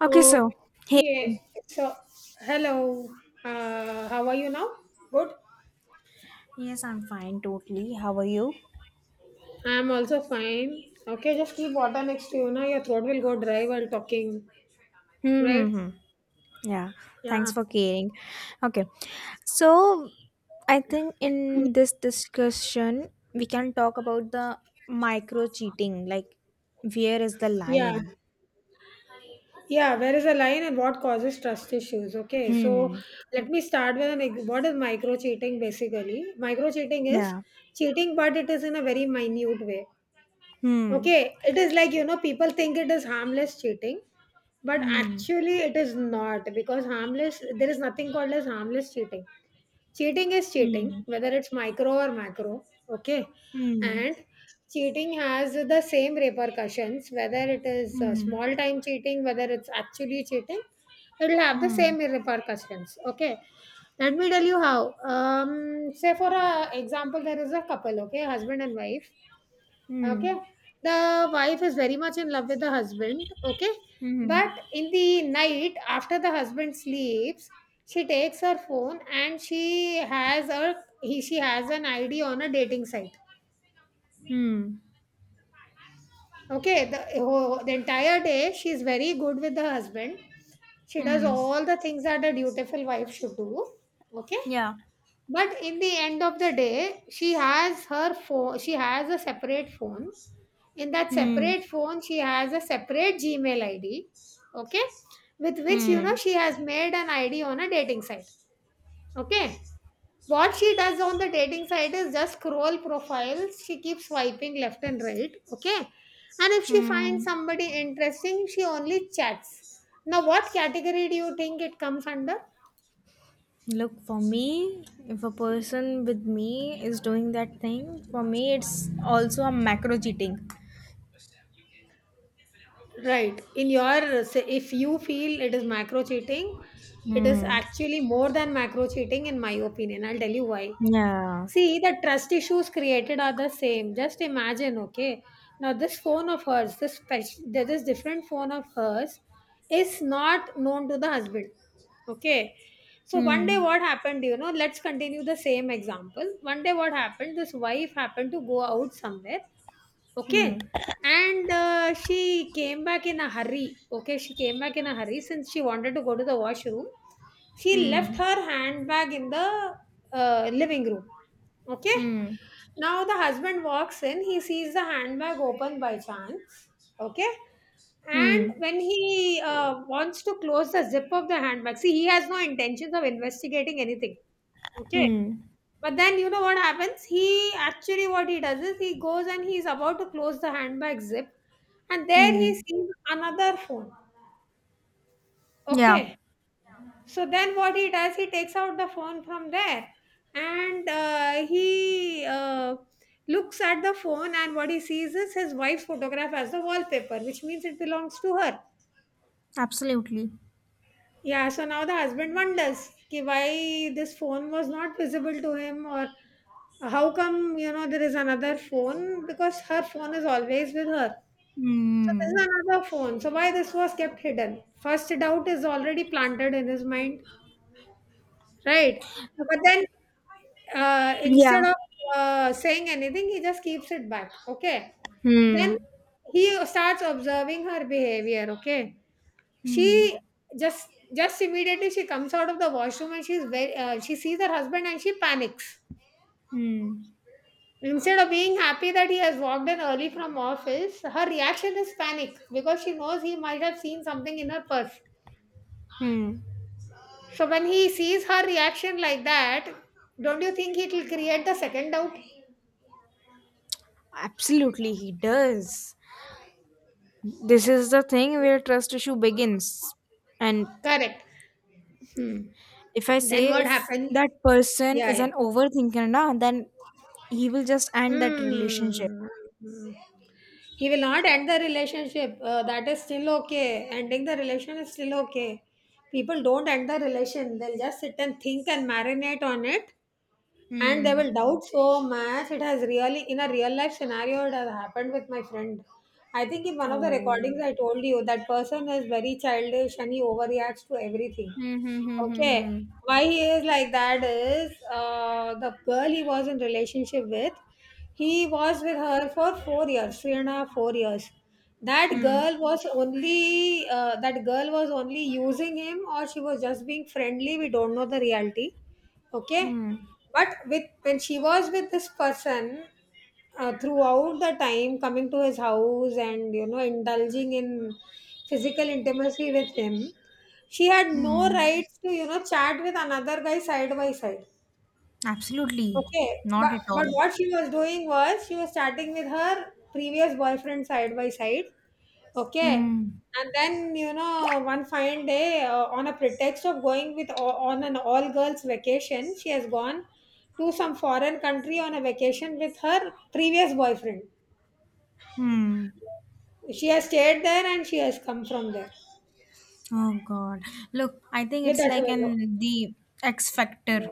Okay, so hey. Okay, so hello. How are you now? Good. Yes, I'm fine, totally. How are you? I'm also fine. Okay, just keep water next to you. Now your throat will go dry while talking, right? Mm-hmm. Yeah, Yeah. thanks for caring. Okay, so I think in this discussion we can talk about the micro cheating, like where is the Yeah. line? Yeah. Where is the line and what causes trust issues? Okay, so Hmm. let me start with what is micro cheating basically? Micro cheating is Yeah. cheating, but it is in a very minute way. Hmm. Okay, it is like, you know, people think it is harmless cheating, but Hmm. actually it is not because harmless, there is nothing called as harmless cheating. Cheating is cheating, Hmm. whether it's micro or macro. Okay. Hmm. And cheating has the same repercussions, whether it is Hmm. small time cheating, whether it's actually cheating, it'll have the Hmm. same repercussions. Okay. Let me tell you how. Say for a example, there is a couple, okay, husband and wife, okay, Hmm. the wife is very much in love with the husband, okay, Hmm. but in the night after the husband sleeps she takes her phone and she has an id on a dating site, Hmm. okay, the entire day she's very good with the husband, she does Hmm. all the things that a dutiful wife should do, okay. Yeah. But in the end of the day, she has her phone, she has a separate phone. In that Hmm. separate phone, she has a separate Gmail ID, okay, with which you know Hmm. she has made an ID on a dating site, okay. What she does on the dating site is just scroll profiles, she keeps swiping left and right, okay. And if she finds Hmm. somebody interesting, she only chats. Now, what category do you think it comes under? Look, for me, if a person with me is doing that thing, for me, it's also a macro cheating. Right. In your, say, if you feel it is macro cheating, it is Hmm. actually more than macro cheating, in my opinion. I'll tell you why. Yeah. See, the trust issues created are the same. Just imagine, okay. Now, this phone of hers, this different phone of hers, is not known to the husband. Okay. So one day, Hmm. what happened? You know, let's continue the same example. One day, what happened? This wife happened to go out somewhere. Hmm. Okay. And she came back in a hurry. Okay. She came back in a hurry since she wanted to go to the washroom. She Hmm. left her handbag in the living room. Okay. Hmm. Now the husband walks in. He sees the handbag open by chance. Okay. And Hmm. when he wants to close the zip of the handbag, see, he has no intentions of investigating anything. Okay, Hmm. but then you know what happens? He actually what he does is he goes and he's about to close the handbag zip and there he Hmm. sees another phone. Yeah. Okay. So then what he does, he takes out the phone from there and he looks at the phone and what he sees is his wife's photograph as the wallpaper, which means it belongs to her. Absolutely. Yeah, so now the husband wonders ki why this phone was not visible to him or how come, you know, there is another phone because her phone is always with her. So this Hmm. is another phone. So why this was kept hidden? First doubt is already planted in his mind, right? But then Yeah. instead of saying anything, he just keeps it back. Okay. Then Hmm. he starts observing her behavior. Okay. Hmm. She just just Immediately she comes out of the washroom and she's very she sees her husband and she panics. Hmm. Instead of being happy that he has walked in early from office, her reaction is panic because she knows he might have seen something in her purse. Hmm. So when he sees her reaction like that, don't you think it will create the second doubt? Absolutely, he does. This is the thing where trust issue begins, and Correct. Hmm. if I Then say what if happens? that person Yeah, is yeah. an overthinker, na, then he will just end that relationship. Hmm. He will not end the relationship. That is still okay. Ending the relation is still okay. People don't end the relation. They'll just sit and think and marinate on it, and they Hmm. will doubt so much. It has really, in a real life scenario, it has happened with my friend. I think in one of the Oh. recordings I told you that person is very childish and he overreacts to everything. Hmm. Hmm. Okay, Hmm. why he is like that is the girl he was in relationship with. He was with her for 4 years, three and a half, 4 years. Hmm. Hmm. That girl was only using him, or she was just being friendly. We don't know the reality. Okay, Hmm. Hmm. but with when she was with this person throughout the time, coming to his house and you know indulging in physical intimacy with him, she had no Hmm. rights to you know chat with another guy side by side. Absolutely. Okay, but Not at but all. what she was doing was she was chatting with her previous boyfriend side by side. Okay, Hmm. and then you know one fine day, on a pretext of on an all girls vacation, she has gone to some foreign country on a vacation with her previous boyfriend. Hmm. She has stayed there and she has come from there Oh God. Look, I think with it's that like fellow. an the X factor.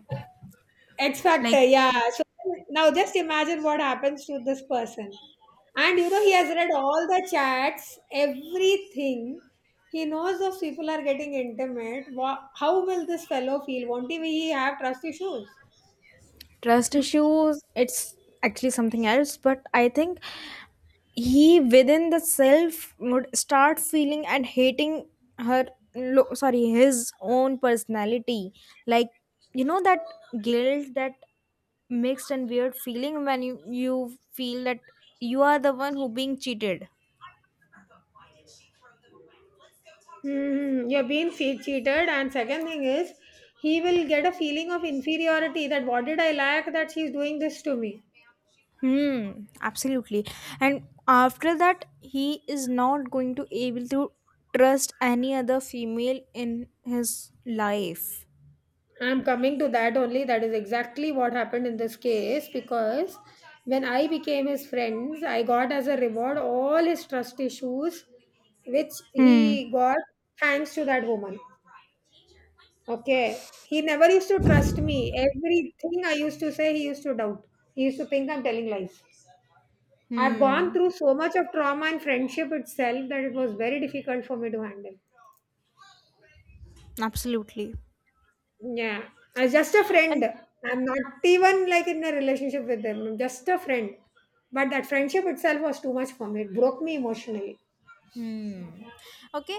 X Factor, Like, yeah. So now just imagine what happens to this person. And you know, he has read all the chats, everything. He knows those people are getting intimate. How will this fellow feel? Won't he have trust issues? trust issues, it's actually something else, but I think he within the self would start feeling and hating her sorry, his own personality, like that guilt, that mixed and weird feeling when you feel that you are the one who being cheated. Hmm, you're being cheated, and second thing is, he will get a feeling of inferiority that what did I lack that she's doing this to me. Hmm. Absolutely. And after that he is not going to able to trust any other female in his life. I'm coming to that only. That is exactly what happened in this case because when I became his friends, I got as a reward all his trust issues, which Hmm. he got thanks to that woman. Okay. He never used to trust me. Everything I used to say, he used to doubt. He used to think I'm telling lies. I've gone Hmm. through so much of trauma and friendship itself that it was very difficult for me to handle. Absolutely. Yeah. I was just a friend. And. I'm not even like in a relationship with them. I'm just a friend. But that friendship itself was too much for me. It broke me emotionally. Hmm. Okay.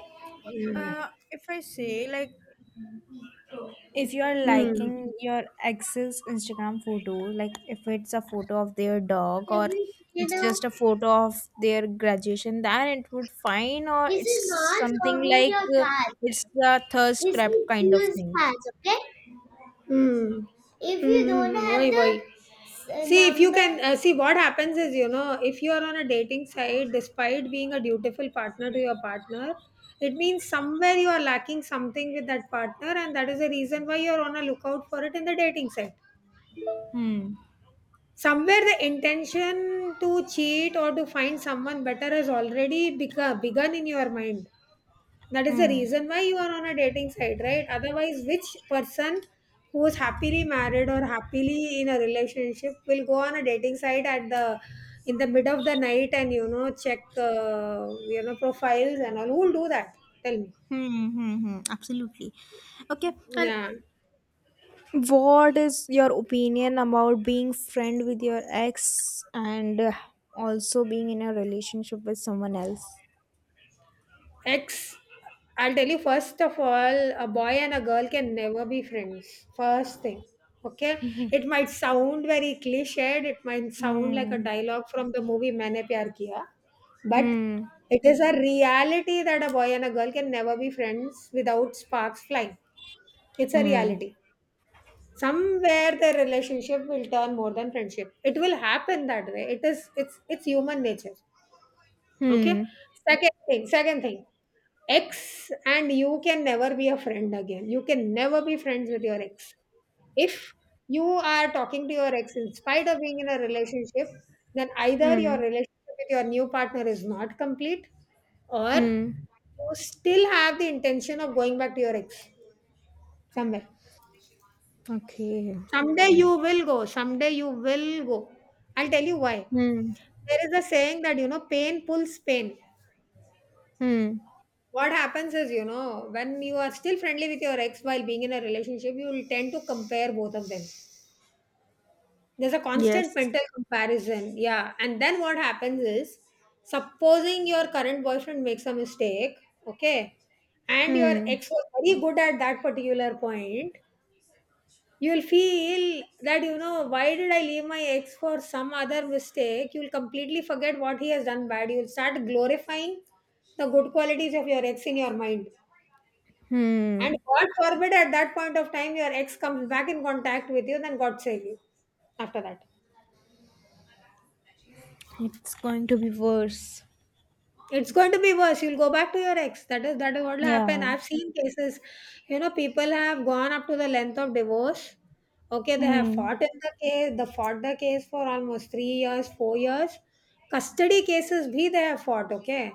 If I say, like, if you are liking Mm. your ex's Instagram photo, like if it's a photo of their dog, or it's just a photo of their graduation, then it would fine, or it's something like, it's the thirst trap kind of thing. Hmm. Hmm. have Why? Why? See, if you number, can see what happens is, you know, if you are on a dating site, despite being a dutiful partner to your partner, it means somewhere you are lacking something with that partner, and that is the reason why you are on a lookout for it in the dating site. Hmm. Somewhere the intention to cheat or to find someone better has already begun in your mind, that is the Hmm. reason why you are on a dating site, right? Otherwise, which person who is happily married or happily in a relationship will go on a dating site at the in the mid of the night and you know check you know profiles and all? Who will do that? Tell me. Hmm. Hmm. Hmm. Absolutely. Okay. And Yeah. what is your opinion about being friend with your ex, and also being in a relationship with someone else? Ex, I'll tell you first of all, a boy and a girl can never be friends. First thing. Okay? It might sound very cliched, it might sound like a Hmm. dialogue from the movie Maine Pyar Kiya, but Hmm. it is a reality that a boy and a girl can never be friends without sparks flying. It's a Hmm. reality. Somewhere the relationship will turn more than friendship. It will happen that way. It is it's human nature. Okay. Hmm. Second thing, ex and you can never be a friend again. You can never be friends with your ex. If you are talking to your ex in spite of being in a relationship, then either your Hmm. relationship with your new partner is not complete or Hmm. you still have the intention of going back to your ex somewhere. Okay. Someday you will go. Someday you will go. I'll tell you why. Hmm. There is a saying that, you know, pain pulls pain. Hmm. What happens is, you know, when you are still friendly with your ex while being in a relationship, you will tend to compare both of them, there's a constant Yes. mental comparison, yeah, and then what happens is supposing your current boyfriend makes a mistake, okay, and your Hmm. ex was very good at that particular point, you'll feel that you know why did I leave my ex for some other mistake, you'll completely forget what he has done bad, you'll start glorifying the good qualities of your ex in your mind. And Hmm. God forbid at that point of time your ex comes back in contact with you, then God save you after that. It's going to be worse. It's going to be worse. You'll go back to your ex. That is what will happen. Yeah. I've seen cases, you know, people have gone up to the length of divorce. Okay, they have Hmm. fought in The fought the case for almost 3 years, 4 years. Custody cases bhi they have fought, okay.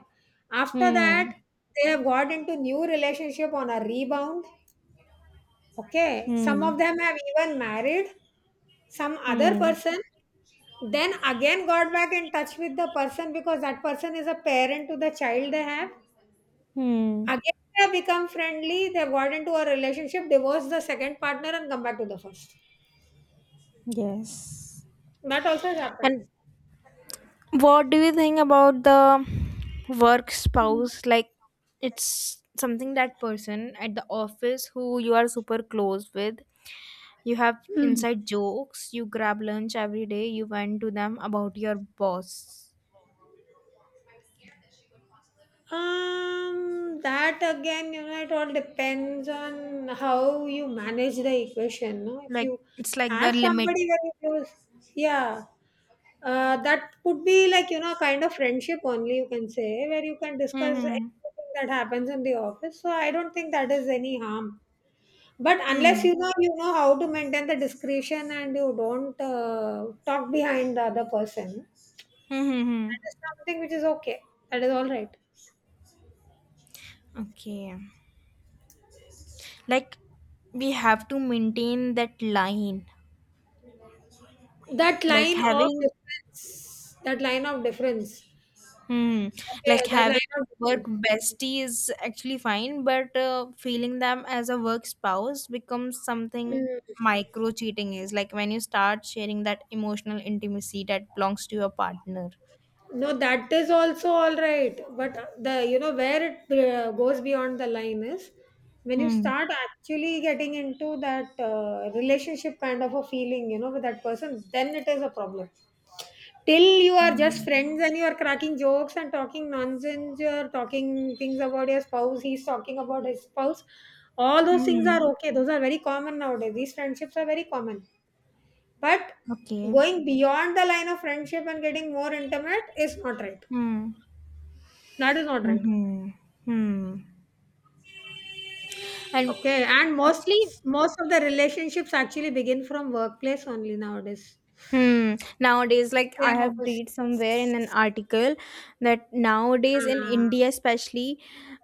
After Hmm. that, they have got into new relationship on a rebound. Okay, some of Hmm. them have even married some other Hmm. person, then again got back in touch with the person because that person is a parent to the child they have. Hmm. Again, they have become friendly, they've got into a relationship, divorced the second partner, and come back to the first. Yes. That also has happened. And what do you think about the work spouse? Like, it's something that person at the office who you are super close with. You have Hmm. inside jokes, you grab lunch every day, you vent to them about your boss. That again, you know, it all depends on how you manage the equation. No? If Like, you it's like the have limit. somebody very close, yeah. That could be like, you know, a kind of friendship only, you can say, where you can discuss Hmm. everything that happens in the office. So I don't think that is any harm. But unless Hmm. you know, you know how to maintain the discretion and you don't talk behind the other person, that Mm-hmm. is something which is okay. That is all right. Okay. Like, we have to maintain that line. That Like, line of having difference, that line of difference. Hmm. Like Okay, that having line of work difference. bestie is actually fine, but feeling them as a work spouse becomes Hmm. something micro cheating is. Like when you start sharing that emotional intimacy that belongs to your partner. No, that is also all right. But the you know where it goes beyond the line is when you Hmm. start actually getting into that relationship kind of a feeling, you know, with that person, then it is a problem. Till you are just Hmm. friends and you are cracking jokes and talking nonsense, you're talking things about your spouse, he's talking about his spouse. All those things are Mhm. okay. Those are very common nowadays. These friendships are very common. But Okay. going beyond the line of friendship and getting more intimate is not right. Hmm. That is not right. Mm-hmm. Hmm. And Okay, and actually. most of the relationships actually begin from workplace only nowadays. Hmm. Nowadays, like I Same have office. read somewhere in an article that nowadays in Ah. India, especially,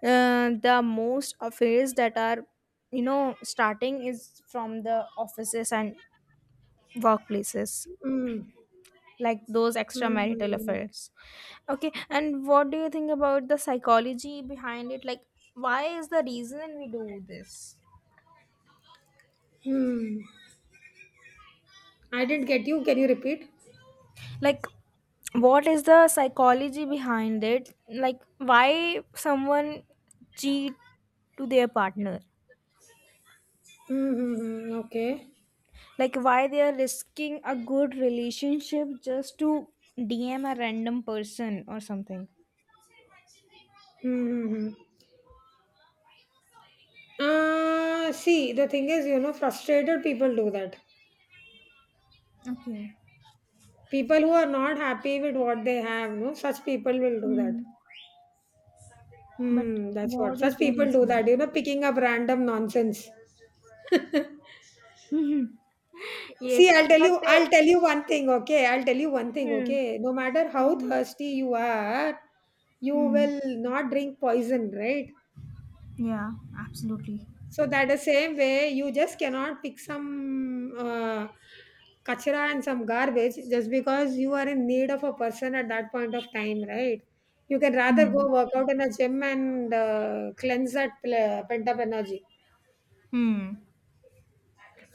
the most affairs that are starting is from the offices and workplaces, Mm, like those mm, extramarital mm, affairs. Okay, and what do you think about the psychology behind it? Like, why is the reason we do this? mm. I didn't get you. Can you repeat? Like, what is the psychology behind it, like why someone cheat to their partner, Mm-hmm. Okay. like why they are risking a good relationship just to dm a random person or something. Mm-hmm. See, the thing is, you know, frustrated people do that. Okay. People who are not happy with what they have, no, such people will do Hmm. that. But Hmm, that's what what is such the people do, reason? that, you know, picking up random nonsense. Mhm. Yes. See, But I'll tell you one thing, okay? I'll tell you one thing, hmm. okay? No matter how Mm-hmm. thirsty you are, you Hmm. will not drink poison, right? Yeah, absolutely. So that the same way, you just cannot pick some kachra and some garbage just because you are in need of a person at that point of time, right? You can rather go Hmm. work out in a gym and cleanse that pent up energy. Hmm.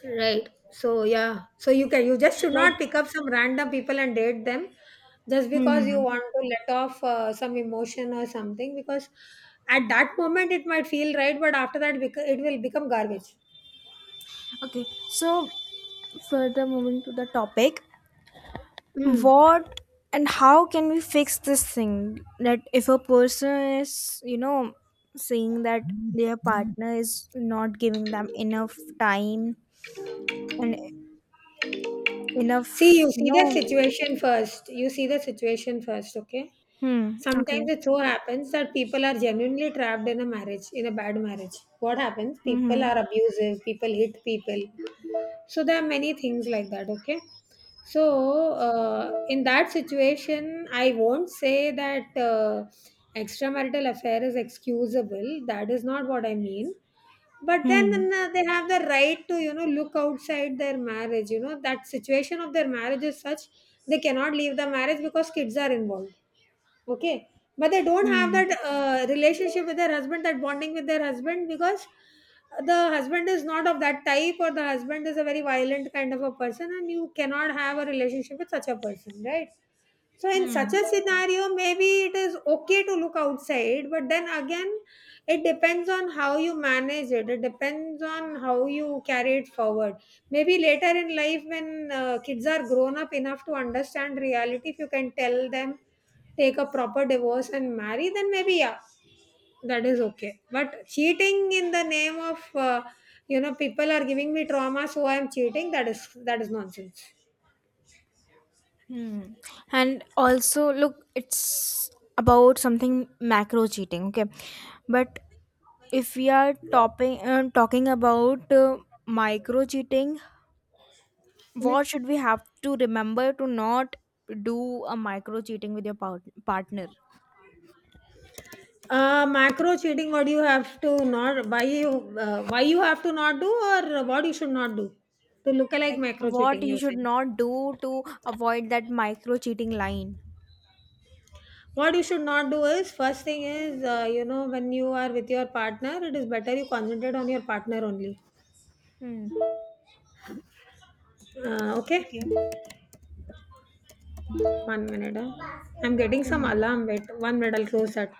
Right. So yeah. So you just should Like, not pick up some random people and date them just because you hmm. want to let off some emotion or something because at that moment it might feel right but after that it will become garbage. Okay, so further moving to the topic, Mm. what and how can we fix this thing that if a person is saying that their partner is not giving them enough time and See enoughyou see the situation first. You see the situation first, okay? hmm. Sometimes Okay. it so happens that people are genuinely trapped in a marriage, in a bad marriage. What happens? People Hmm. are abusive, people hit people, so there are many things like that, okay. So in that situation I won't say that extramarital affair is excusable. That is not what I mean. But then Hmm. They have the right to, you know, look outside their marriage. You know, that situation of their marriage is such, they cannot leave the marriage because kids are involved. Okay. But they don't have Hmm. that relationship with their husband, that bonding with their husband, because the husband is not of that type, or the husband is a very violent kind of a person, and you cannot have a relationship with such a person, right? So in such Hmm. a scenario, maybe it is okay to look outside, but then again, it depends on how you manage it. It depends on how you carry it forward. Maybe later in life, when kids are grown up enough to understand reality, if you can tell them, take a proper divorce and marry, then maybe yeah, that is okay. But cheating in the name of you know, people are giving me trauma, so I am cheating. That is nonsense. Hmm. And also, look, it's about something macro cheating, okay, but if we are talking about micro cheating, what should we have to remember to not do a micro cheating with your partner? Macro cheating. What do you have to not? Why you? Why you have to not do, or what you should not do? To look alike Like, macro what cheating, you you're should saying. not do to avoid that micro cheating line. What you should not do is, first thing is, you know, when you are with your partner, it is better you concentrate on your partner only. Hmm. Okay, Okay. one minute. Huh? I'm getting some Hmm. alarm. Wait, one minute. I'll close that.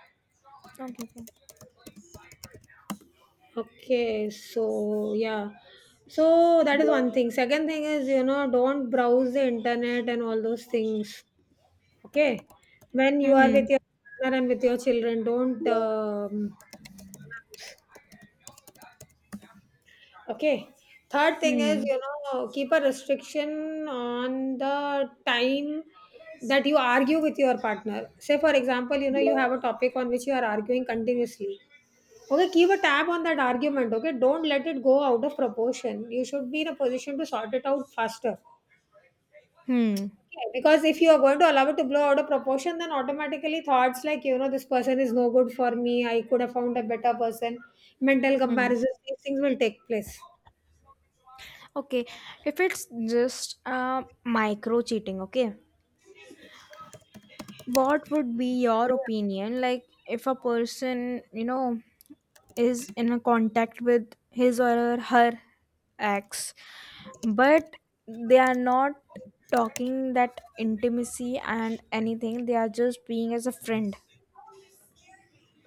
Okay. Okay. Okay, so yeah. So that is one thing. Second thing is, you know, don't browse the internet and all those things. Okay, when you are with Hmm. your partner and with your children, don't okay, third thing Hmm. is, you know, keep a restriction on the time that you argue with your partner. Say, for example, you know, you have a topic on which you are arguing continuously. Okay, keep a tab on that argument. Okay, don't let it go out of proportion. You should be in a position to sort it out faster. Hmm. Okay, because if you are going to allow it to blow out of proportion, then automatically thoughts like, you know, this person is no good for me, I could have found a better person, mental Hmm. comparisons, these things will take place. Okay. If it's just micro cheating, okay, what would be your opinion, like if a person is in a contact with his or her ex, but they are not talking that intimacy and anything, they are just being as a friend,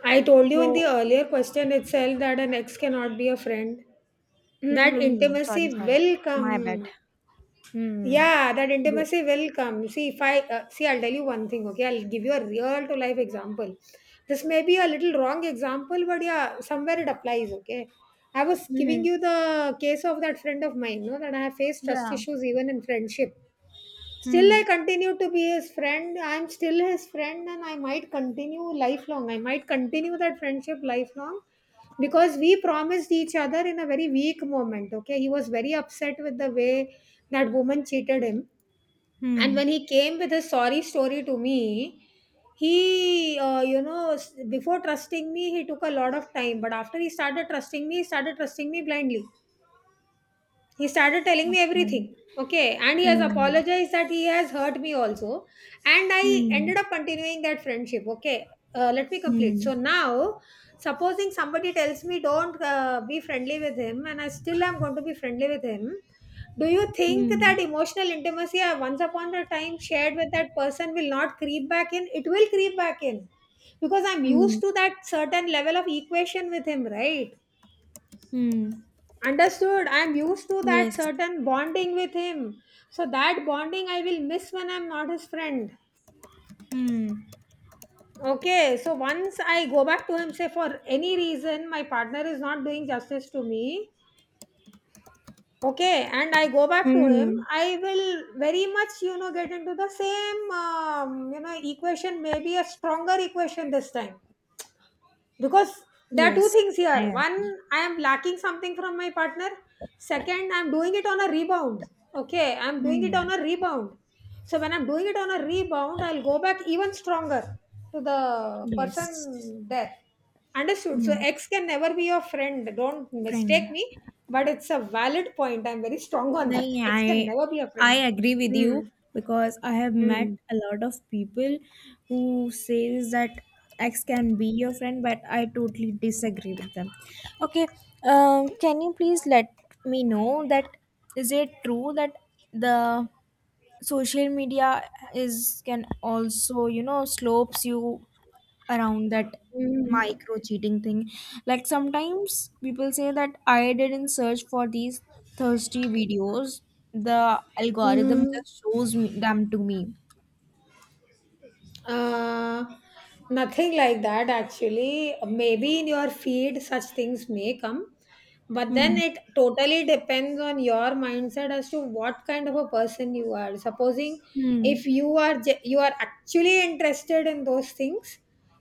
I told you in the so. earlier question itself that an ex cannot be a friend. That Mm-hmm. Sorry, intimacy sorry. will My bad. come. Hmm. Yeah, that Good. intimacy will come. See if I see I'll tell you one thing, okay? I'll give you a real to life example. This may be a little wrong example, but yeah, somewhere it applies. Okay, I was giving Hmm. you the case of that friend of mine, no, that I have faced trust Yeah. issues even in friendship. Still, Hmm. I continue to be his friend. I'm still his friend, and I might continue lifelong. I might continue that friendship lifelong because we promised each other in a very weak moment. Okay, he was very upset with the way that woman cheated him, and Hmm. when he came with his sorry story to me, he, you know, before trusting me, he took a lot of time, but after he started trusting me, he started trusting me blindly. He started telling me everything. Okay. Okay, and he has Hmm. apologized that he has hurt me also, and I Hmm. ended up continuing that friendship. Okay, let me complete. So Hmm. now supposing somebody tells me don't be friendly with him, and I still am going to be friendly with him, do you think that Hmm. emotional intimacy I once upon a time shared with that person will not creep back in? It will creep back in because I'm Hmm. used to that certain level of equation with him, right? Hmm. Understood. I'm used to that Yes. certain bonding with him. So that bonding I will miss when I'm not his friend. Hmm. Okay, so once I go back to him, say for any reason my partner is not doing justice to me, okay, and I go back to him, Hmm. I will very much, you know, get into the same, you know, equation, maybe a stronger equation this time. Because there are two Yes, things here. I One, agree. I am lacking something from my partner. Second, I'm doing it on a rebound. Okay, I'm doing it Hmm. on a rebound. So when I'm doing it on a rebound, I'll go back even stronger to the person Yes. there. Understood? So Mm. ex can never be your friend. Don't mistake Friend. me, but it's a valid point. I'm very strong on Then that. yeah, Ex can I never be a I friend. agree with you, Mm. because I have met Mm. a lot of people who says that X can be your friend, but I totally disagree with them. Okay. Can you please let me know that, is it true that the social media is can also slopes you around that Mm. micro cheating thing. Like sometimes people say that I didn't search for these thirsty videos. The algorithm Mm. just shows them to me. Uh, Nothing like that, actually. Maybe in your feed such things may come, but then Hmm. it totally depends on your mindset as to what kind of a person you are. Supposing Hmm. if you are you are actually interested in those things,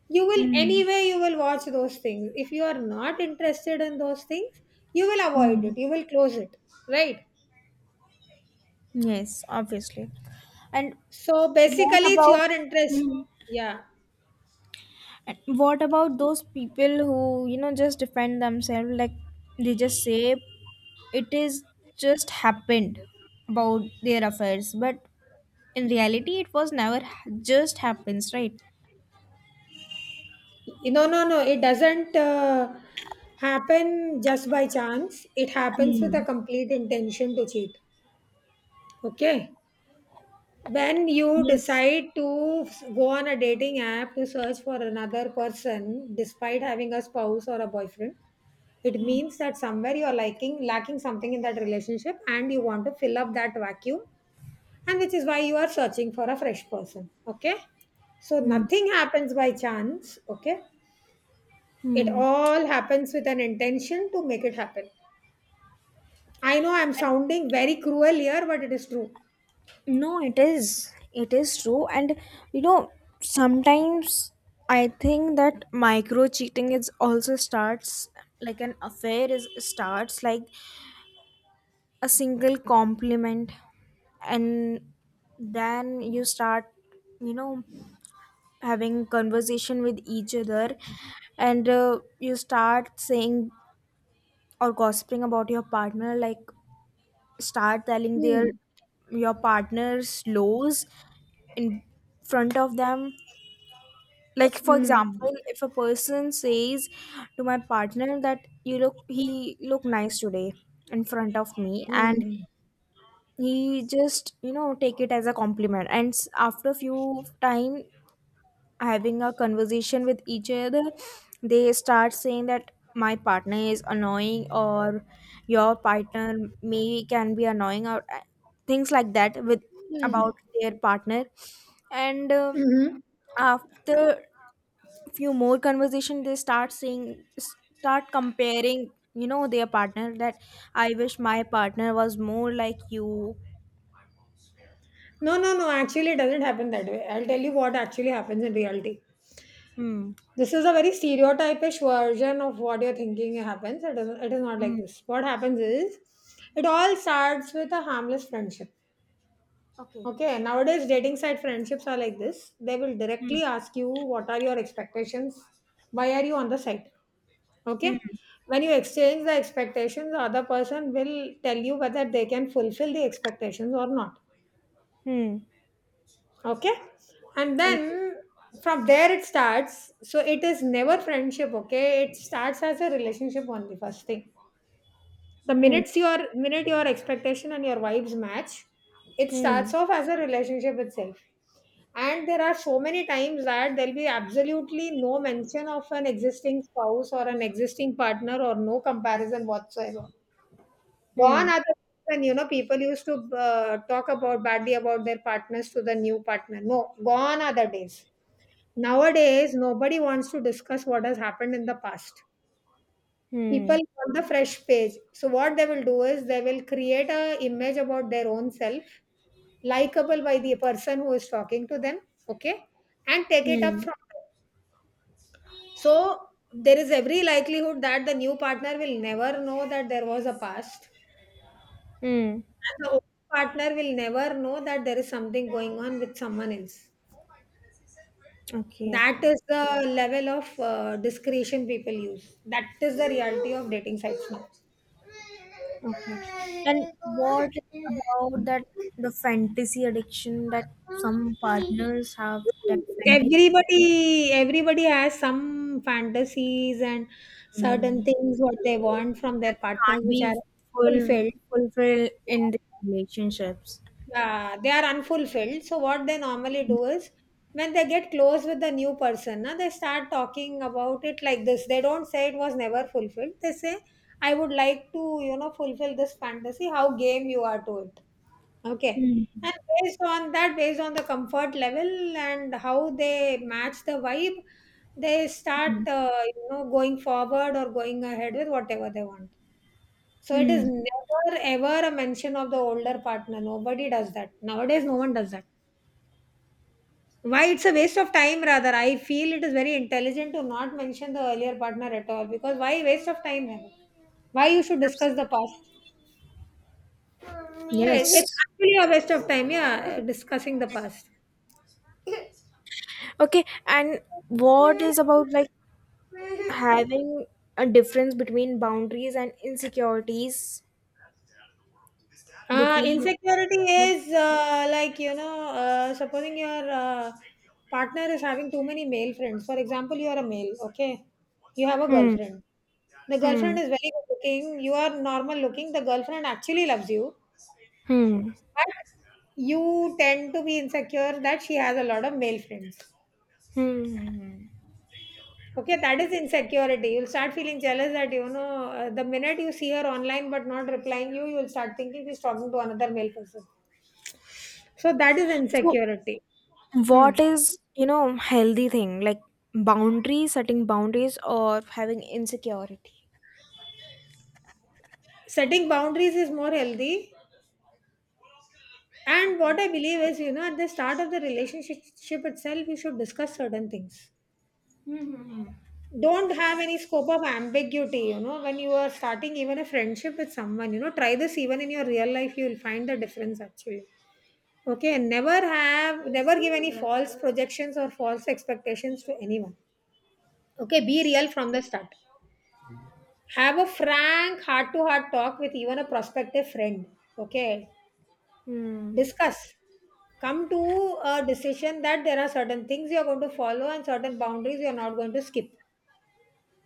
you will Hmm. anyway you will watch those things. If you are not interested in those things, you will avoid Hmm. it. You will close it, right? Yes, obviously. And So what basically, it's about your interest. Hmm. Yeah. And what about those people who just defend themselves, like they just say it is just happened about their affairs? But in reality, it was never just happens, right? No, no, no. It doesn't happen just by chance. It happens with a Hmm. complete intention to cheat. Okay. When you Yes. decide to go on a dating app to search for another person, despite having a spouse or a boyfriend, it means that somewhere you're liking lacking something in that relationship, and you want to fill up that vacuum, and which is why you are searching for a fresh person. Okay. So Hmm. nothing happens by chance. Okay. It Hmm. all happens with an intention to make it happen. I know I'm sounding very cruel here, but it is true. No, it is. It is true. And you know, sometimes I think that micro cheating is also starts, like an affair is starts, like a single compliment, and then you start you know having conversation with each other, and you start saying or gossiping about your partner, like start telling their Hmm. your partner's lows in front of them, like for Hmm. example if a person says to my partner that you look he look nice today in front of me, and Hmm. he just take it as a compliment, and after a few time having a conversation with each other, they start saying that my partner is annoying, or your partner maybe can be annoying, or things like that, with Hmm. about their partner, and Mm-hmm. after few more conversation, they start saying start comparing their partner, that I wish my partner was more like you. No, no, no. Actually, it doesn't happen that way. I'll tell you what actually happens in reality. Hmm. This is a very stereotypish version of what you're thinking happens. It doesn't. It is not like Hmm. this. What happens is, it all starts with a harmless friendship. Okay. Okay, nowadays dating site friendships are like this. They will directly Hmm. ask you what are your expectations, why are you on the site? Okay, Hmm. when you exchange the expectations, the other person will tell you whether they can fulfill the expectations or not. Hmm. Okay, and then Okay. from there it starts. So it is never friendship. Okay, it starts as a relationship only. First thing, the Hmm. minutes your minute your expectation and your vibes match, it starts Hmm. off as a relationship itself. And there are so many times that there'll be absolutely no mention of an existing spouse or an existing partner or no comparison whatsoever. Hmm. Gone are the days when you know people used to talk about badly about their partners to the new partner. No, gone are the days. Nowadays, nobody wants to discuss what has happened in the past. People Hmm. want the fresh page, so what they will do is they will create a image about their own self likable by the person who is talking to them, okay, and take it up Hmm. from there. So there is every likelihood that the new partner will never know that there was a past Hmm. and the old partner will never know that there is something going on with someone else. Okay. That is the level of discretion people use. That is the reality of dating sites now. Okay. And what about that the fantasy addiction that some partners have, that fantasy. Everybody has some fantasies and certain Hmm. things what they want from their partners, Can't which are be full fulfilled. fulfilled in the relationships? Yeah, they are unfulfilled. So what they normally do is when they get close with the new person, na, they start talking about it like this. They don't say it was never fulfilled. They say, I would like to, you know, fulfill this fantasy, how game you are to it. Okay. Hmm. And based on that, based on the comfort level and how they match the vibe, they Hmm. start, you know, going forward or going ahead with whatever they want. So it is Hmm. never ever a mention of the older partner. Nobody does that. Nowadays, no one does that. Why, it's a waste of time, rather. I feel it is very intelligent to not mention the earlier partner at all, because why waste of time? Heather? Why you should discuss the past? Right, it's Yes. actually a waste of time, yeah, discussing the past. Okay. And what is about, like, having a difference between boundaries and insecurities between? Insecurity is like, you know, supposing your partner is having too many male friends. For example, you are a male, okay? You have a Hmm. girlfriend. The Hmm. girlfriend is very good looking. You are normal looking. The girlfriend actually loves you. Hmm. But you tend to be insecure that she has a lot of male friends. Hmm. Okay, that is insecurity. You'll start feeling jealous that, you know, the minute you see her online but not replying you, you'll start thinking she's talking to another male person. So that is So, insecurity. Hmm. what is healthy thing, like setting boundaries, or having insecurity? Setting boundaries is more healthy. And what Okay. I believe is, you know, at the start of the relationship itself, you should discuss certain things. Hmm. Don't have any scope of ambiguity, you know, when you are starting even a friendship with someone, you know, try this even in your real life, you will find the difference actually. Okay, and never have, never give any false projections or false expectations to anyone. Okay, be real from the start. Have a frank heart to heart talk with even a prospective friend, okay, Hmm. discuss, come to a decision that there are certain things you are going to follow and certain boundaries you are not going to skip.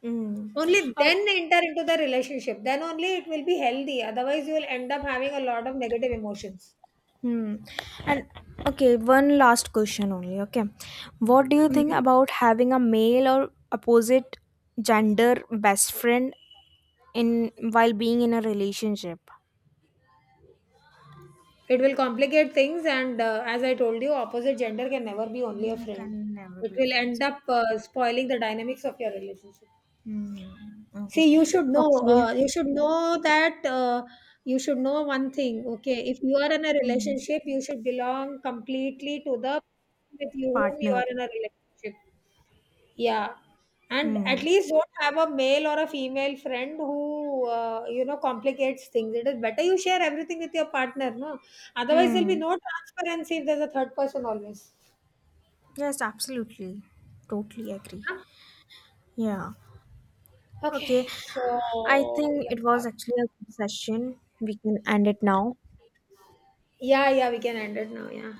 Hmm. Only Or then enter into the relationship, then only it will be healthy, otherwise you will end up having a lot of negative emotions. hmm. And okay, one last question only. Okay, what do you think Mhm. about having a male or opposite gender best friend in while being in a relationship? It will complicate things, and as I told you, opposite gender can never be only a You friend. can never It be will friends. end Oh. up spoiling the dynamics of your relationship. Hmm. Okay. See, you should know. Okay. You should know that you should know one thing. Okay, if you are in a Hmm. relationship, you should belong completely to the person with you whom you Partner. are in a relationship. Yeah, and Hmm. at least don't have a male or a female friend who you know complicates things. It is better you share everything with your partner, no? Otherwise, there'll be Hmm. no transparency if there's a third person always. Yes, absolutely. Totally agree. Yeah. Yeah. Okay. Okay. I So think it yeah, was actually a good session. We can end it now. yeah. We can end it now. Yeah.